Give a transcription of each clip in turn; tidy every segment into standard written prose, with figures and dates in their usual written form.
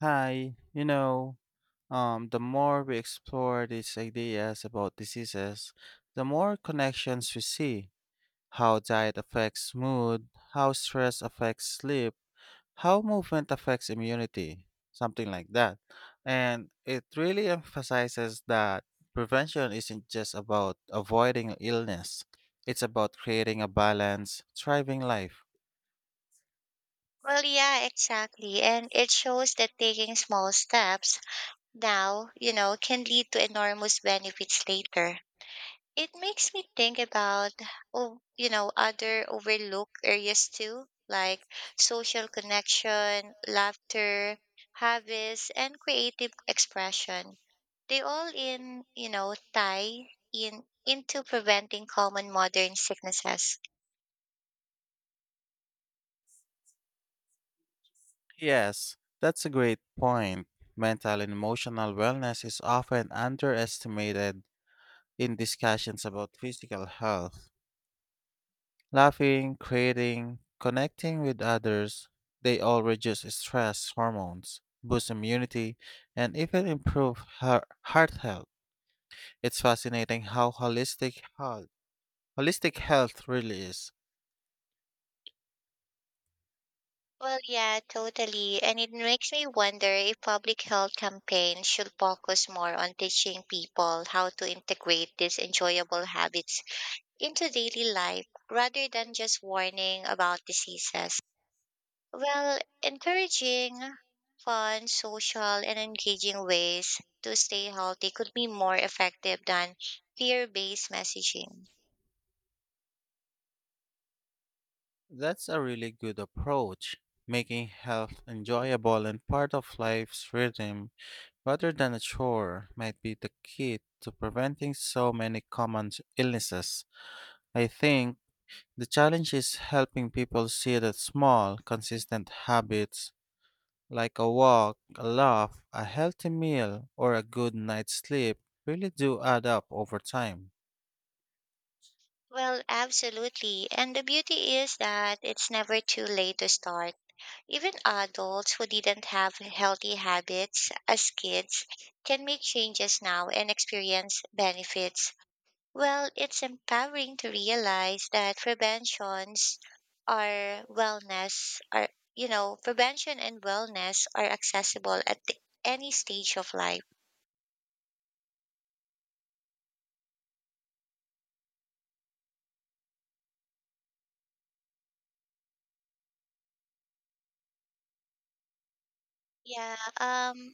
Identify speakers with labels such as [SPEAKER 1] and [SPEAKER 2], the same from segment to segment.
[SPEAKER 1] Hi, the more we explore these ideas about diseases, the more connections we see. How diet affects mood, how stress affects sleep, how movement affects immunity, something like that. And it really emphasizes that prevention isn't just about avoiding illness, it's about creating a balanced, thriving life.
[SPEAKER 2] Well, yeah, exactly. And it shows that taking small steps now, can lead to enormous benefits later. It makes me think about, other overlooked areas too, like social connection, laughter, hobbies, and creative expression. They all in, you know, Tie in into preventing common modern sicknesses.
[SPEAKER 1] Yes, that's a great point. Mental and emotional wellness is often underestimated in discussions about physical health. Laughing, creating, connecting with others, they all reduce stress hormones, boost immunity, and even improve heart health. It's fascinating how holistic health really is.
[SPEAKER 2] Well, yeah, totally. And it makes me wonder if public health campaigns should focus more on teaching people how to integrate these enjoyable habits into daily life rather than just warning about diseases. Well, encouraging fun, social, and engaging ways to stay healthy could be more effective than fear based messaging.
[SPEAKER 1] That's a really good approach, making health enjoyable and part of life's rhythm rather than a chore might be the key to preventing so many common illnesses. I think the challenge is helping people see that small, consistent habits like a walk, a laugh, a healthy meal, or a good night's sleep really do add up over time.
[SPEAKER 2] Well, absolutely. And the beauty is that it's never too late to start. Even adults who didn't have healthy habits as kids can make changes now and experience benefits. Well, it's empowering to realize that preventions are wellness are you know, prevention and wellness are accessible at any stage of life. Yeah,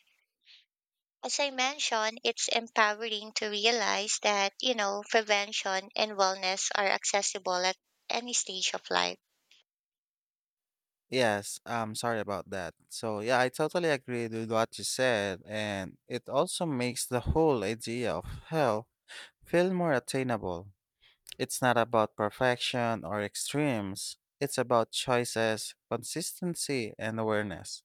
[SPEAKER 2] as I mentioned, it's empowering to realize that, prevention and wellness are accessible at any stage of life.
[SPEAKER 1] Yes, I'm sorry about that. So, yeah, I totally agree with what you said, and it also makes the whole idea of health feel more attainable. It's not about perfection or extremes. It's about choices, consistency, and awareness.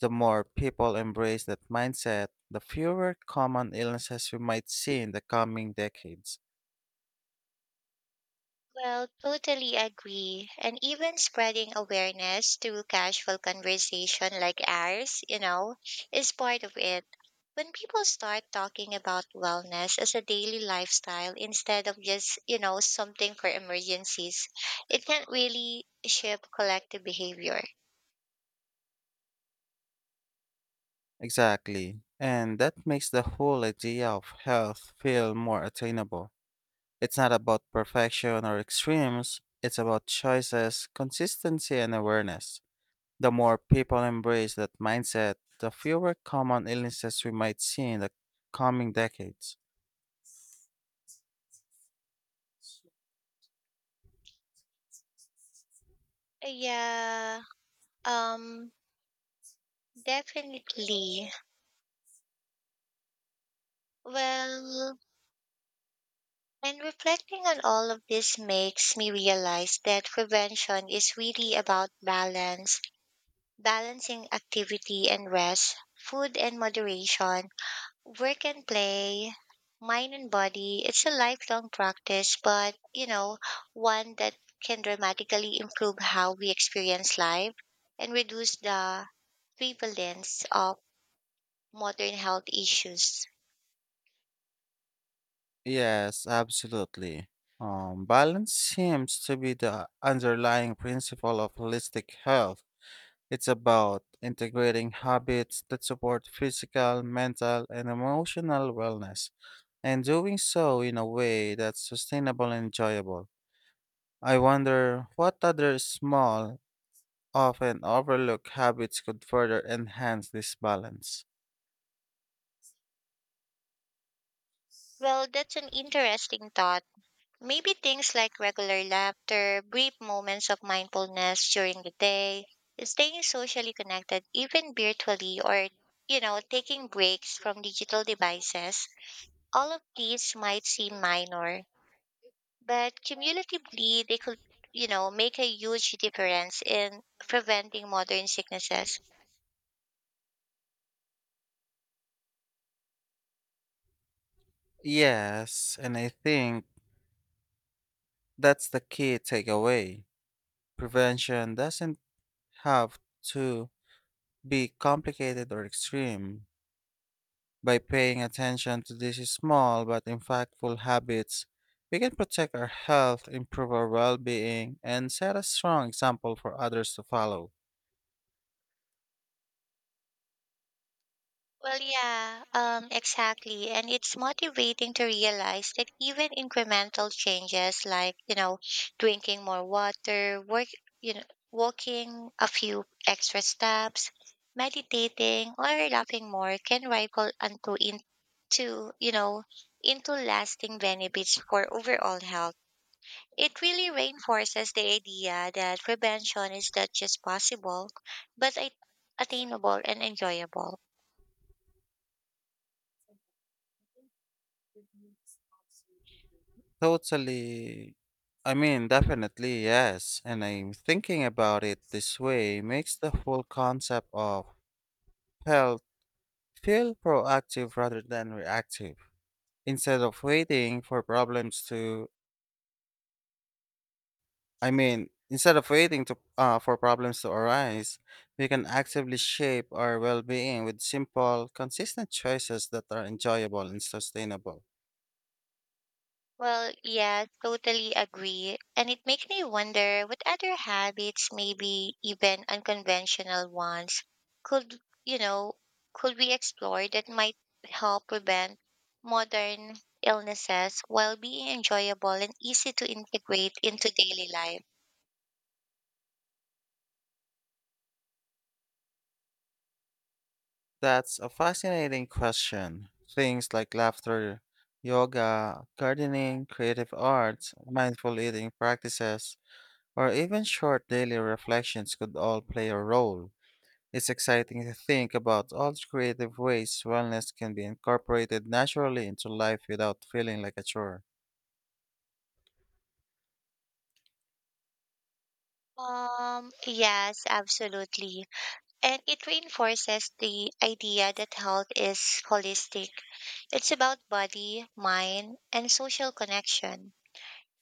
[SPEAKER 1] The more people embrace that mindset, the fewer common illnesses we might see in the coming decades.
[SPEAKER 2] Well, totally agree. And even spreading awareness through casual conversation like ours, is part of it. When people start talking about wellness as a daily lifestyle instead of just, something for emergencies, it can really shape collective behavior.
[SPEAKER 1] Exactly. And that makes the whole idea of health feel more attainable. It's not about perfection or extremes, it's about choices, consistency, and awareness. The more people embrace that mindset, the fewer common illnesses we might see in the coming decades.
[SPEAKER 2] Yeah, um, definitely. Well, And reflecting on all of this makes me realize that prevention is really about balance, balancing activity and rest, food and moderation, work and play, mind and body. It's a lifelong practice, but one that can dramatically improve how we experience life and reduce the prevalence of modern health issues.
[SPEAKER 1] Yes, absolutely. Balance seems to be the underlying principle of holistic health. It's about integrating habits that support physical, mental, and emotional wellness, and doing so in a way that's sustainable and enjoyable. I wonder what other small often overlook habits could further enhance this balance.
[SPEAKER 2] Well, that's an interesting thought. Maybe things like regular laughter, brief moments of mindfulness during the day, staying socially connected even virtually or taking breaks from digital devices. All of these might seem minor, but cumulatively they could, make a huge difference in preventing modern sicknesses.
[SPEAKER 1] Yes, and I think that's the key takeaway. Prevention doesn't have to be complicated or extreme. By paying attention to these small but impactful habits, we can protect our health, improve our well being, and set a strong example for others to follow.
[SPEAKER 2] Well, yeah, exactly. And it's motivating to realize that even incremental changes like, drinking more water, you know, walking a few extra steps, meditating, or laughing more can ripple into, in, to, you know, into lasting benefits for overall health. It really reinforces the idea that prevention is not just possible, but attainable and enjoyable.
[SPEAKER 1] Totally. I mean, definitely, yes. And I'm thinking about it this way makes the whole concept of health feel proactive rather than reactive. Instead of waiting for problems to, I mean, instead of waiting to, for problems to arise, we can actively shape our well being with simple, consistent choices that are enjoyable and sustainable.
[SPEAKER 2] Well, yes, totally agree. And it makes me wonder what other habits, maybe even unconventional ones, could, you know, could we explore that might help prevent modern illnesses while being enjoyable and easy to integrate into daily life?
[SPEAKER 1] That's a fascinating question. Things like laughter, yoga, gardening, creative arts, mindful eating practices, or even short daily reflections could all play a role. It's exciting to think about all the creative ways wellness can be incorporated naturally into life without feeling like a chore.
[SPEAKER 2] Yes, absolutely. And it reinforces the idea that health is holistic. It's about body, mind, and social connection.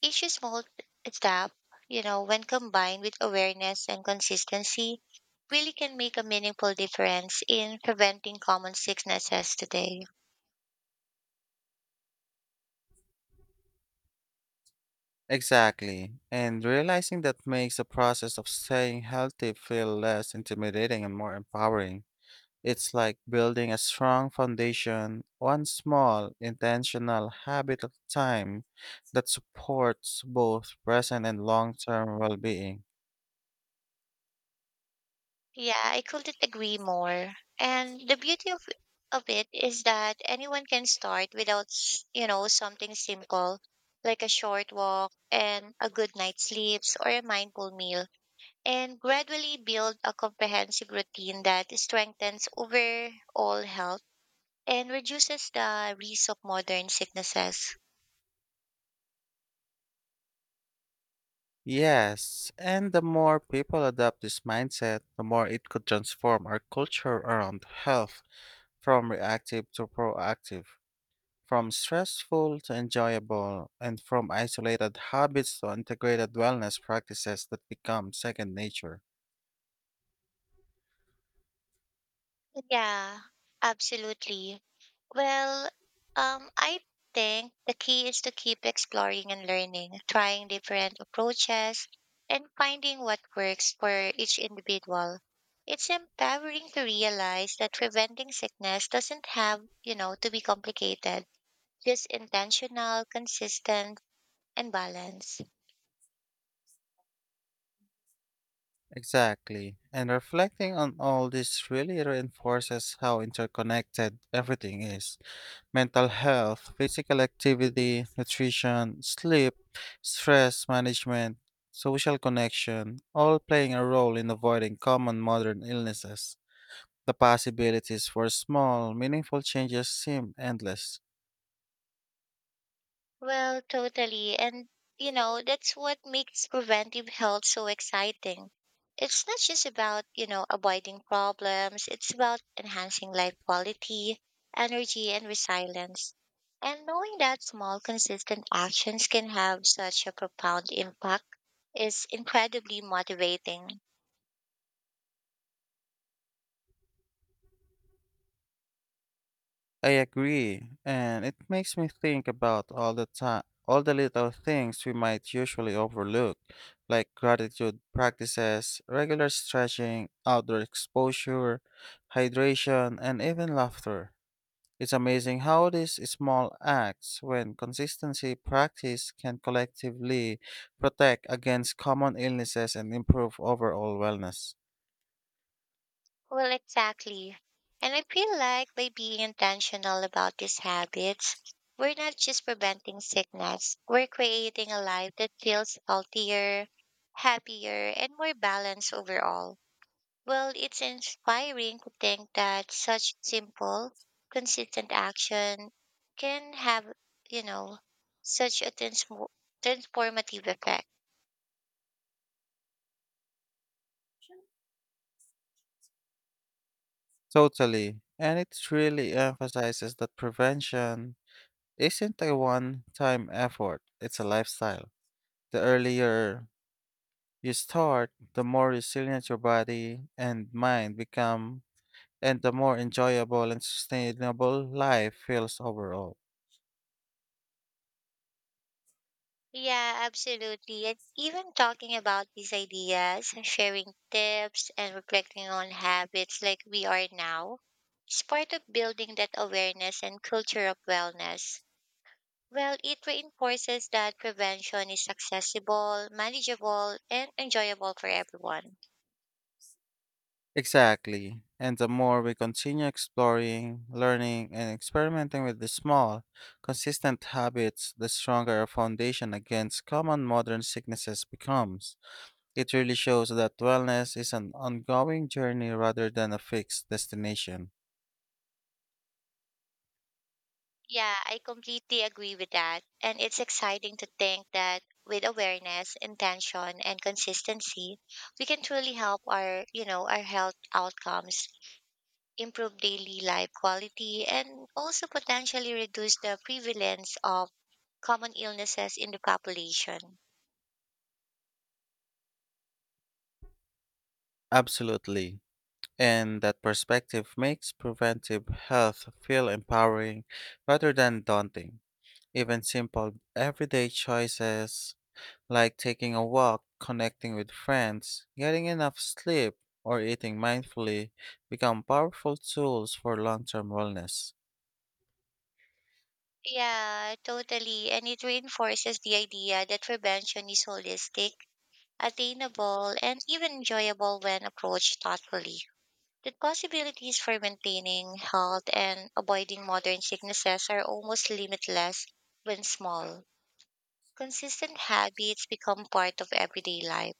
[SPEAKER 2] Each small step, when combined with awareness and consistency, really can make a meaningful difference in preventing common sicknesses today.
[SPEAKER 1] Exactly. And realizing that makes the process of staying healthy feel less intimidating and more empowering. It's like building a strong foundation, one small, intentional habit at a time that supports both present and long term well being.
[SPEAKER 2] Yeah, I couldn't agree more. And the beauty of it is that anyone can start without, s- you know, something simple like a short walk and a good night's sleeps or a mindful meal and gradually build a comprehensive routine that strengthens overall health and reduces the risk of modern sicknesses.
[SPEAKER 1] Yes, and the more people adopt this mindset, the more it could transform our culture around health from reactive to proactive, from stressful to enjoyable, and from isolated habits to integrated wellness practices that become second nature.
[SPEAKER 2] Yeah, absolutely. Well, I think the key is to keep exploring and learning, trying different approaches, and finding what works for each individual. It's empowering to realize that preventing sickness doesn't have, to be complicated, just intentional, consistent, and balanced.
[SPEAKER 1] Exactly. And reflecting on all this really reinforces how interconnected everything is. Mental health, physical activity, nutrition, sleep, stress management, social connection, all playing a role in avoiding common modern illnesses. The possibilities for small, meaningful changes seem endless.
[SPEAKER 2] Well, totally. And that's what makes preventive health so exciting. It's not just about, avoiding problems, it's about enhancing life quality, energy, and resilience. And knowing that small, consistent actions can have such a profound impact is incredibly motivating.
[SPEAKER 1] I agree, and it makes me think about all the time, all the little things we might usually overlook, like gratitude practices, regular stretching, outdoor exposure, hydration, and even laughter. It's amazing how these small acts, when consistency practiced, can collectively protect against common illnesses and improve overall wellness.
[SPEAKER 2] Well, exactly. And I feel like by being intentional about these habits, we're not just preventing sickness, we're creating a life that feels healthier, happier, and more balanced overall. Well, it's inspiring to think that such simple, consistent action can have, you know, such a transmo transformative effect.
[SPEAKER 1] Totally. And it really emphasizes that prevention isn't a one time effort, it's a lifestyle. The earlier you start, the more resilient your body and mind become, and the more enjoyable and sustainable life feels overall.
[SPEAKER 2] Yeah, absolutely. And even talking about these ideas, sharing tips, and reflecting on habits like we are now is part of building that awareness and culture of wellness. Well, it reinforces that prevention is accessible, manageable, and enjoyable for everyone.
[SPEAKER 1] Exactly. And the more we continue exploring, learning, and experimenting with the small, consistent habits, the stronger our foundation against common modern sicknesses becomes. It really shows that wellness is an ongoing journey rather than a fixed destination.
[SPEAKER 2] Yeah, I completely agree with that. And it's exciting to think that with awareness, intention, and consistency, we can truly help our health outcomes improve daily life quality, and also potentially reduce the prevalence of common illnesses in the population.
[SPEAKER 1] Absolutely. And that perspective makes preventive health feel empowering rather than daunting. Even simple everyday choices like taking a walk, connecting with friends, getting enough sleep, or eating mindfully become powerful tools for long term wellness.
[SPEAKER 2] Yeah, totally. And it reinforces the idea that prevention is holistic, attainable, and even enjoyable when approached thoughtfully. The possibilities for maintaining health and avoiding modern sicknesses are almost limitless when small, consistent habits become part of everyday life.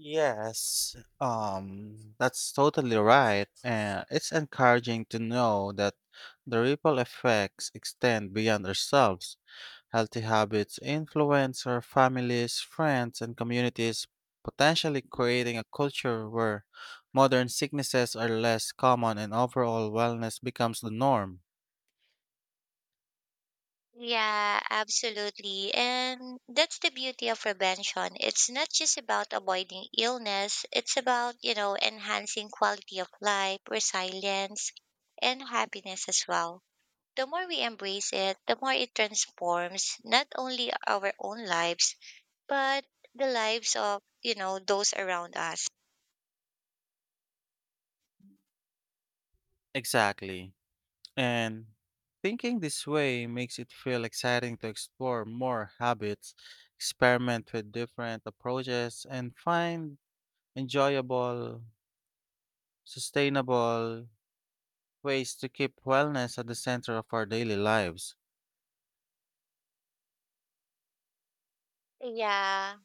[SPEAKER 1] Yes, that's totally right. And it's encouraging to know that the ripple effects extend beyond ourselves. Healthy habits influence our families, friends, and communities, potentially creating a culture where modern sicknesses are less common and overall wellness becomes the norm.
[SPEAKER 2] Yeah, absolutely. And that's the beauty of prevention. It's not just about avoiding illness, it's about, enhancing quality of life, resilience, and happiness as well. The more we embrace it, the more it transforms not only our own lives, but the lives of, those around us.
[SPEAKER 1] Exactly. And thinking this way makes it feel exciting to explore more habits, experiment with different approaches, and find enjoyable, sustainable ways to keep wellness at the center of our daily lives.
[SPEAKER 2] Yeah.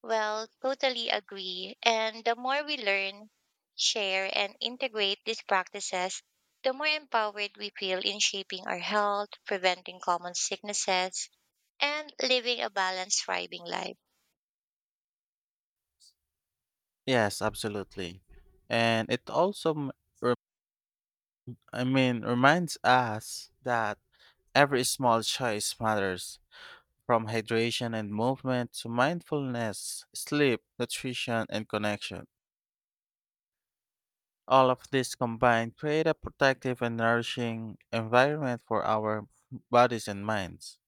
[SPEAKER 2] Well, totally agree. And the more we learn, share, and integrate these practices, the more empowered we feel in shaping our health, preventing common sicknesses, and living a balanced, thriving life.
[SPEAKER 1] Yes, absolutely. And it re- I mean, reminds us that every small choice matters. From hydration and movement to mindfulness, sleep, nutrition, and connection. All of this combined create a protective and nourishing environment for our bodies and minds.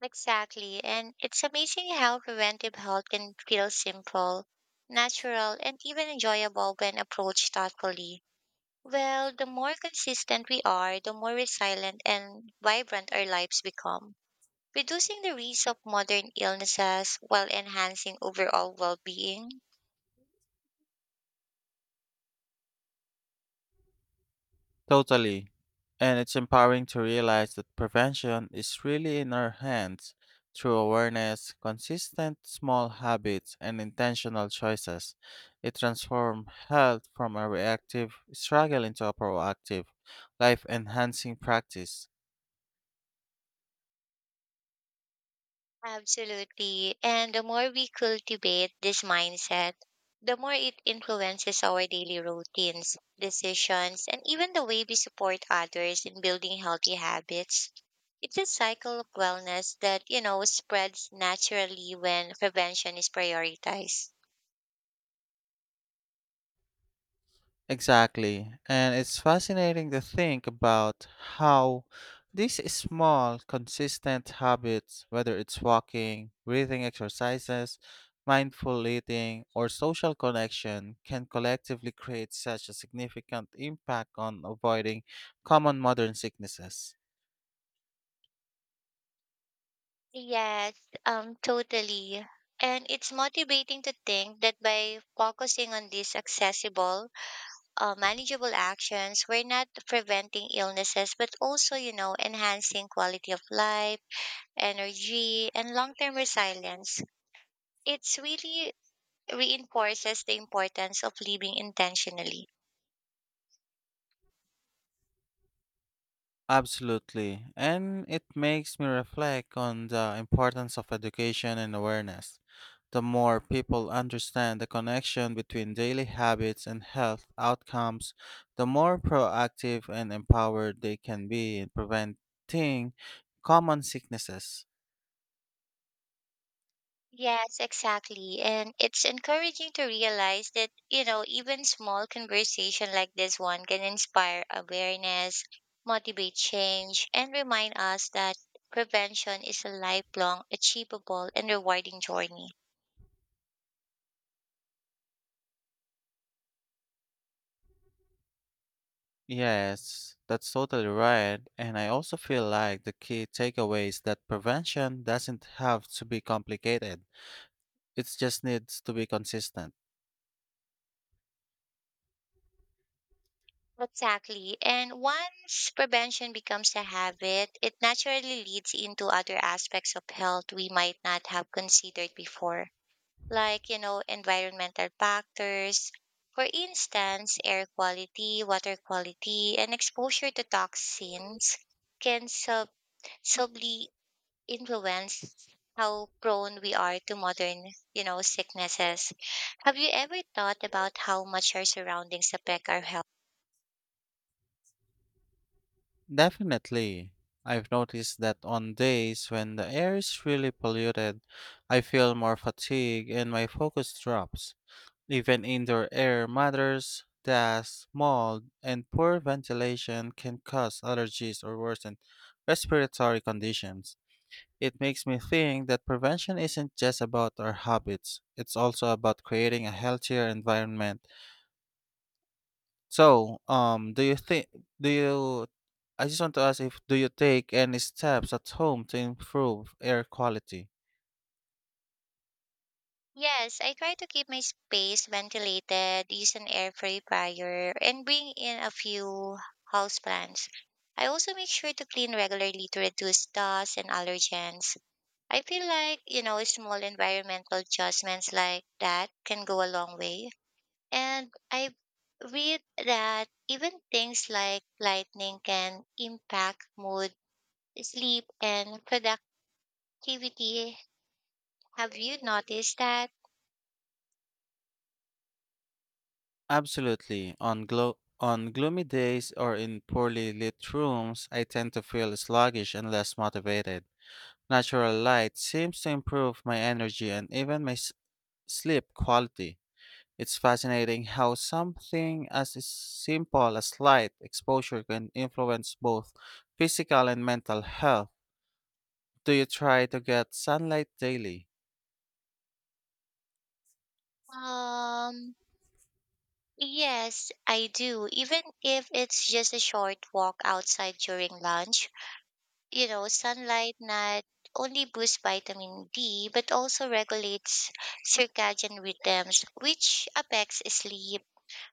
[SPEAKER 2] Exactly. And it's amazing how preventive health can feel simple, natural, and even enjoyable when approached thoughtfully. Well, the more consistent we are, the more resilient and vibrant our lives become, reducing the risk of modern illnesses while enhancing overall well being.
[SPEAKER 1] Totally. And it's empowering to realize that prevention is really in our hands through awareness, consistent small habits, and intentional choices. It transforms health from a reactive struggle into a proactive, life enhancing practice.
[SPEAKER 2] Absolutely. And the more we cultivate this mindset, the more it influences our daily routines, decisions, and even the way we support others in building healthy habits. It's a cycle of wellness that, spreads naturally when prevention is prioritized.
[SPEAKER 1] Exactly. And it's fascinating to think about how these small, consistent habits, whether it's walking, breathing exercises, mindful eating, or social connection, can collectively create such a significant impact on avoiding common modern sicknesses.
[SPEAKER 2] Yes, totally. And it's motivating to think that by focusing on these accessible, manageable actions, we're not preventing illnesses, but also, enhancing quality of life, energy, and long term resilience. It's really reinforces the importance of living intentionally.
[SPEAKER 1] Absolutely. And it makes me reflect on the importance of education and awareness. The more people understand the connection between daily habits and health outcomes, the more proactive and empowered they can be in preventing common sicknesses.
[SPEAKER 2] Yes, exactly. And it's encouraging to realize that, even small conversation like this one can inspire awareness, motivate change, and remind us that prevention is a lifelong, achievable, and rewarding journey.
[SPEAKER 1] Yes, that's totally right. And I also feel like the key takeaway is that prevention doesn't have to be complicated, it just needs to be consistent.
[SPEAKER 2] Exactly. And once prevention becomes a habit, it naturally leads into other aspects of health we might not have considered before, like, environmental factors. For instance, air quality, water quality, and exposure to toxins can subtly influence how prone we are to modern, sicknesses. Have you ever thought about how much our surroundings affect our health?
[SPEAKER 1] Definitely. I've noticed that on days when the air is really polluted, I feel more fatigue and my focus drops. Even indoor air matters, dust, mold, and poor ventilation can cause allergies or worsen respiratory conditions. It makes me think that prevention isn't just about our habits, it's also about creating a healthier environment so, do you think do you I just want to ask if do you take any steps at home to improve air quality?
[SPEAKER 2] Yes, I try to keep my space ventilated, use an air purifier, and bring in a few houseplants. I also make sure to clean regularly to reduce dust and allergens. I feel like, small environmental adjustments like that can go a long way. And I read that even things like lightning can impact mood, sleep, and productivity. Have you noticed that?
[SPEAKER 1] Absolutely. On on gloomy days or in poorly lit rooms, I tend to feel sluggish and less motivated. Natural light seems to improve my energy and even my sleep quality. It's fascinating how something as is simple as light exposure can influence both physical and mental health. Do you try to get sunlight daily?
[SPEAKER 2] Um, Yes, I do. Even if it's just a short walk outside during lunch, sunlight not only boosts vitamin D, but also regulates circadian rhythms, which affects sleep,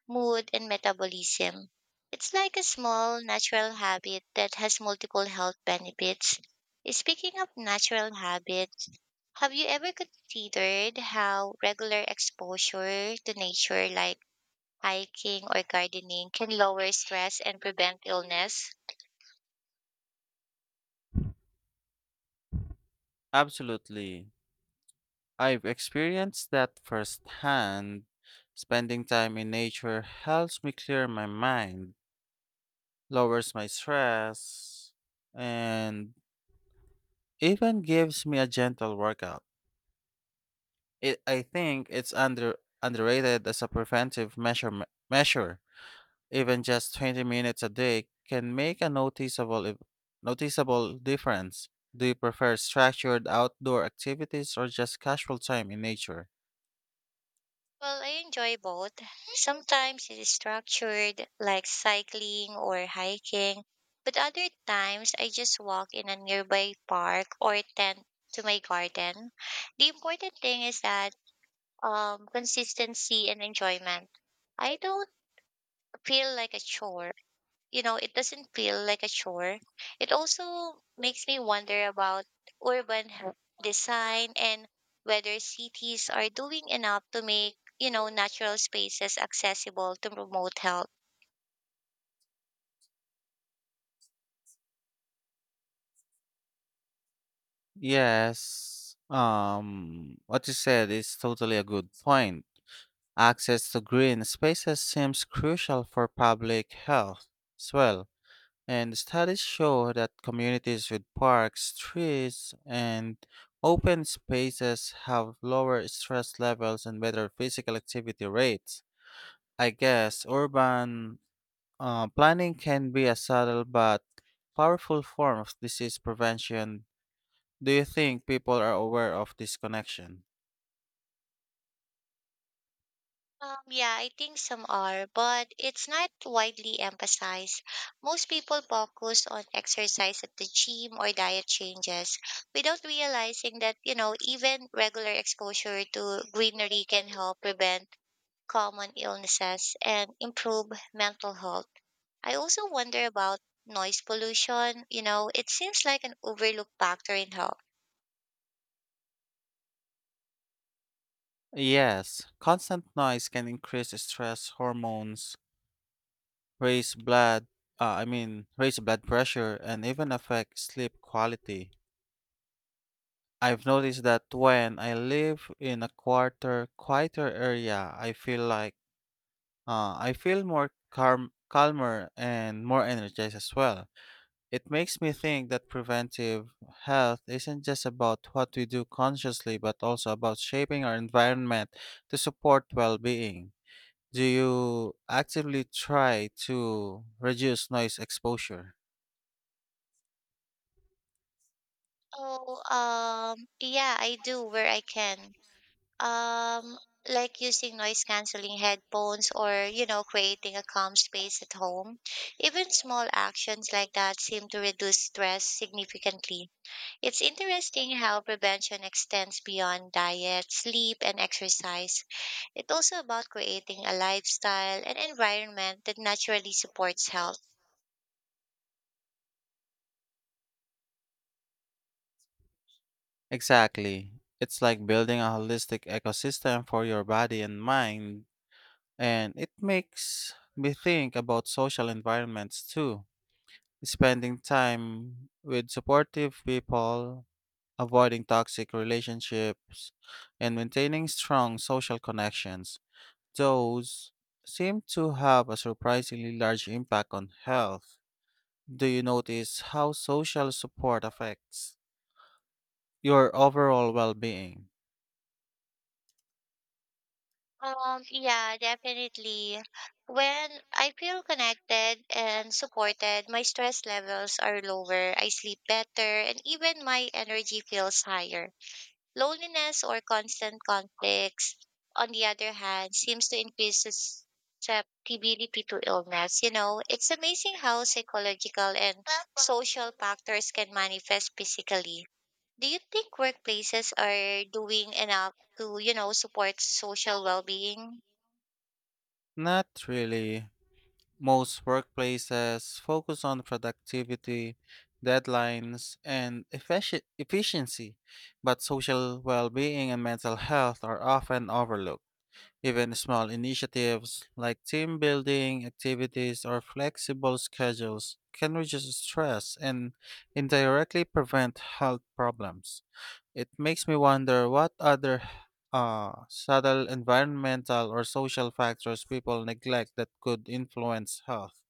[SPEAKER 2] mood, and metabolism. It's like a small natural habit that has multiple health benefits. Speaking of natural habits, have you ever considered how regular exposure to nature, like hiking or gardening can lower stress and prevent illness?
[SPEAKER 1] Absolutely. I've experienced that firsthand. Spending time in nature helps me clear my mind, lowers my stress, and even gives me a gentle workout. I think it's underrated as a preventive measure. Even just 20 minutes a day can make a noticeable difference. Do you prefer structured outdoor activities or just casual time in nature?
[SPEAKER 2] Well, I enjoy both. Sometimes it is structured, like cycling or hiking, but other times I just walk in a nearby park or tend to my garden. The important thing is that consistency and enjoyment. I don't feel like a chore You know, it doesn't feel like a chore. It also makes me wonder about urban h- design and whether cities are doing enough to make, natural spaces accessible to promote health.
[SPEAKER 1] Yes. What you said is totally a good point. Access to green spaces seems crucial for public health as well. And studies show that communities with parks, trees, and open spaces have lower stress levels and better physical activity rates. I guess urban planning can be a subtle but powerful form of disease prevention. Do you think people are aware of this connection?
[SPEAKER 2] Yeah, I think some are, but it's not widely emphasized. Most people focus on exercise at the gym or diet changes without realizing that, even regular exposure to greenery can help prevent common illnesses and improve mental health. I also wonder about noise pollution. You know, it seems like an overlooked factor in health.
[SPEAKER 1] Yes, constant noise can increase stress hormones, raise blood, I mean, raise blood pressure, and even affect sleep quality. I've noticed that when I live in a quieter area, I feel more calmer and more energized as well. It makes me think that preventive health isn't just about what we do consciously, but also about shaping our environment to support well-being. Do you actively try to reduce noise exposure?
[SPEAKER 2] Oh, yeah, I do where I can. Um, like using noise canceling headphones or, creating a calm space at home. Even small actions like that seem to reduce stress significantly. It's interesting how prevention extends beyond diet, sleep, and exercise. It's also about creating a lifestyle and environment that naturally supports health.
[SPEAKER 1] Exactly. It's like building a holistic ecosystem for your body and mind. And it makes me think about social environments too. Spending time with supportive people, avoiding toxic relationships, and maintaining strong social connections. Those seem to have a surprisingly large impact on health. Do you notice how social support affects your overall well being?
[SPEAKER 2] Yeah, definitely. When I feel connected and supported, my stress levels are lower, I sleep better, and even my energy feels higher. Loneliness or constant conflicts, on the other hand, seems to increase susceptibility to illness. You know, it's amazing how psychological and social factors can manifest physically. Do you think workplaces are doing enough to, support social well being?
[SPEAKER 1] Not really. Most workplaces focus on productivity, deadlines, and efficiency, but social well being and mental health are often overlooked. Even small initiatives like team building activities or flexible schedules can reduce stress and indirectly prevent health problems. It makes me wonder what other subtle environmental or social factors people neglect that could influence health.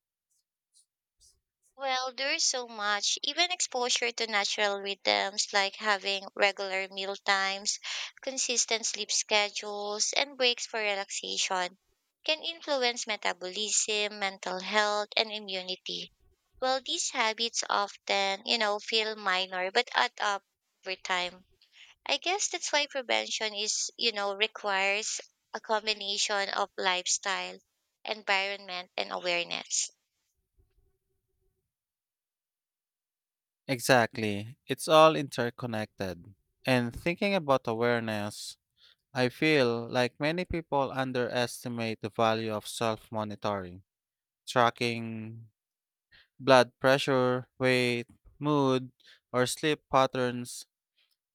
[SPEAKER 2] Well, there's so much. Even exposure to natural rhythms like having regular meal times, consistent sleep schedules, and breaks for relaxation can influence metabolism, mental health, and immunity. Well, these habits often, feel minor but add up over time. I guess that's why prevention is, requires a combination of lifestyle, environment, and awareness.
[SPEAKER 1] Exactly. It's all interconnected. And thinking about awareness, I feel like many people underestimate the value of self monitoring, tracking blood pressure, weight, mood, or sleep patterns.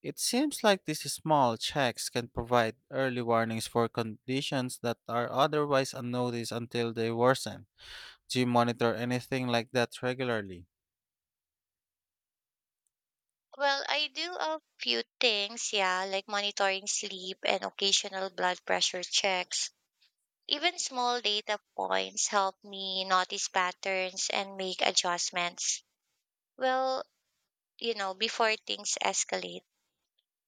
[SPEAKER 1] It seems like these small checks can provide early warnings for conditions that are otherwise unnoticed until they worsen. Do you monitor anything like that regularly?
[SPEAKER 2] Well, I do a few things, yeah, like monitoring sleep and occasional blood pressure checks. Even small data points help me notice patterns and make adjustments. Well, before things escalate,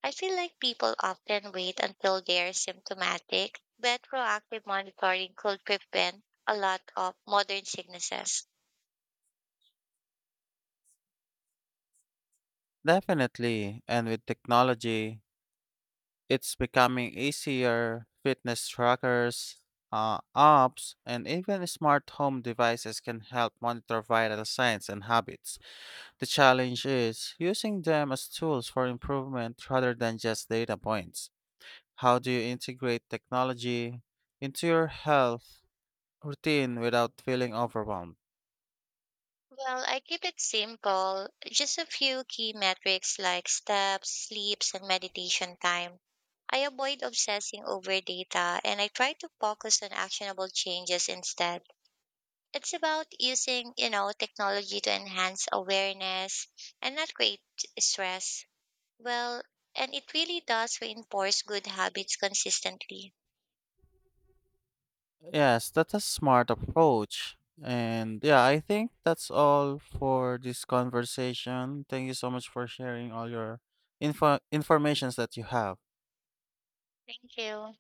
[SPEAKER 2] I feel like people often wait until they're symptomatic, but proactive monitoring could prevent a lot of modern sicknesses.
[SPEAKER 1] Definitely, and with technology, it's becoming easier. Fitness trackers, apps, and even smart home devices can help monitor vital signs and habits. The challenge is using them as tools for improvement rather than just data points. How do you integrate technology into your health routine without feeling overwhelmed?
[SPEAKER 2] Well, I keep it simple, just a few key metrics like steps, sleeps, and meditation time. I avoid obsessing over data and I try to focus on actionable changes instead. It's about using, technology to enhance awareness and not create stress. Well, and it really does reinforce good habits consistently.
[SPEAKER 1] Yes, that's a smart approach. And yeah, I think that's all for this conversation. Thank you so much for sharing all your informations that you have.
[SPEAKER 2] Thank you.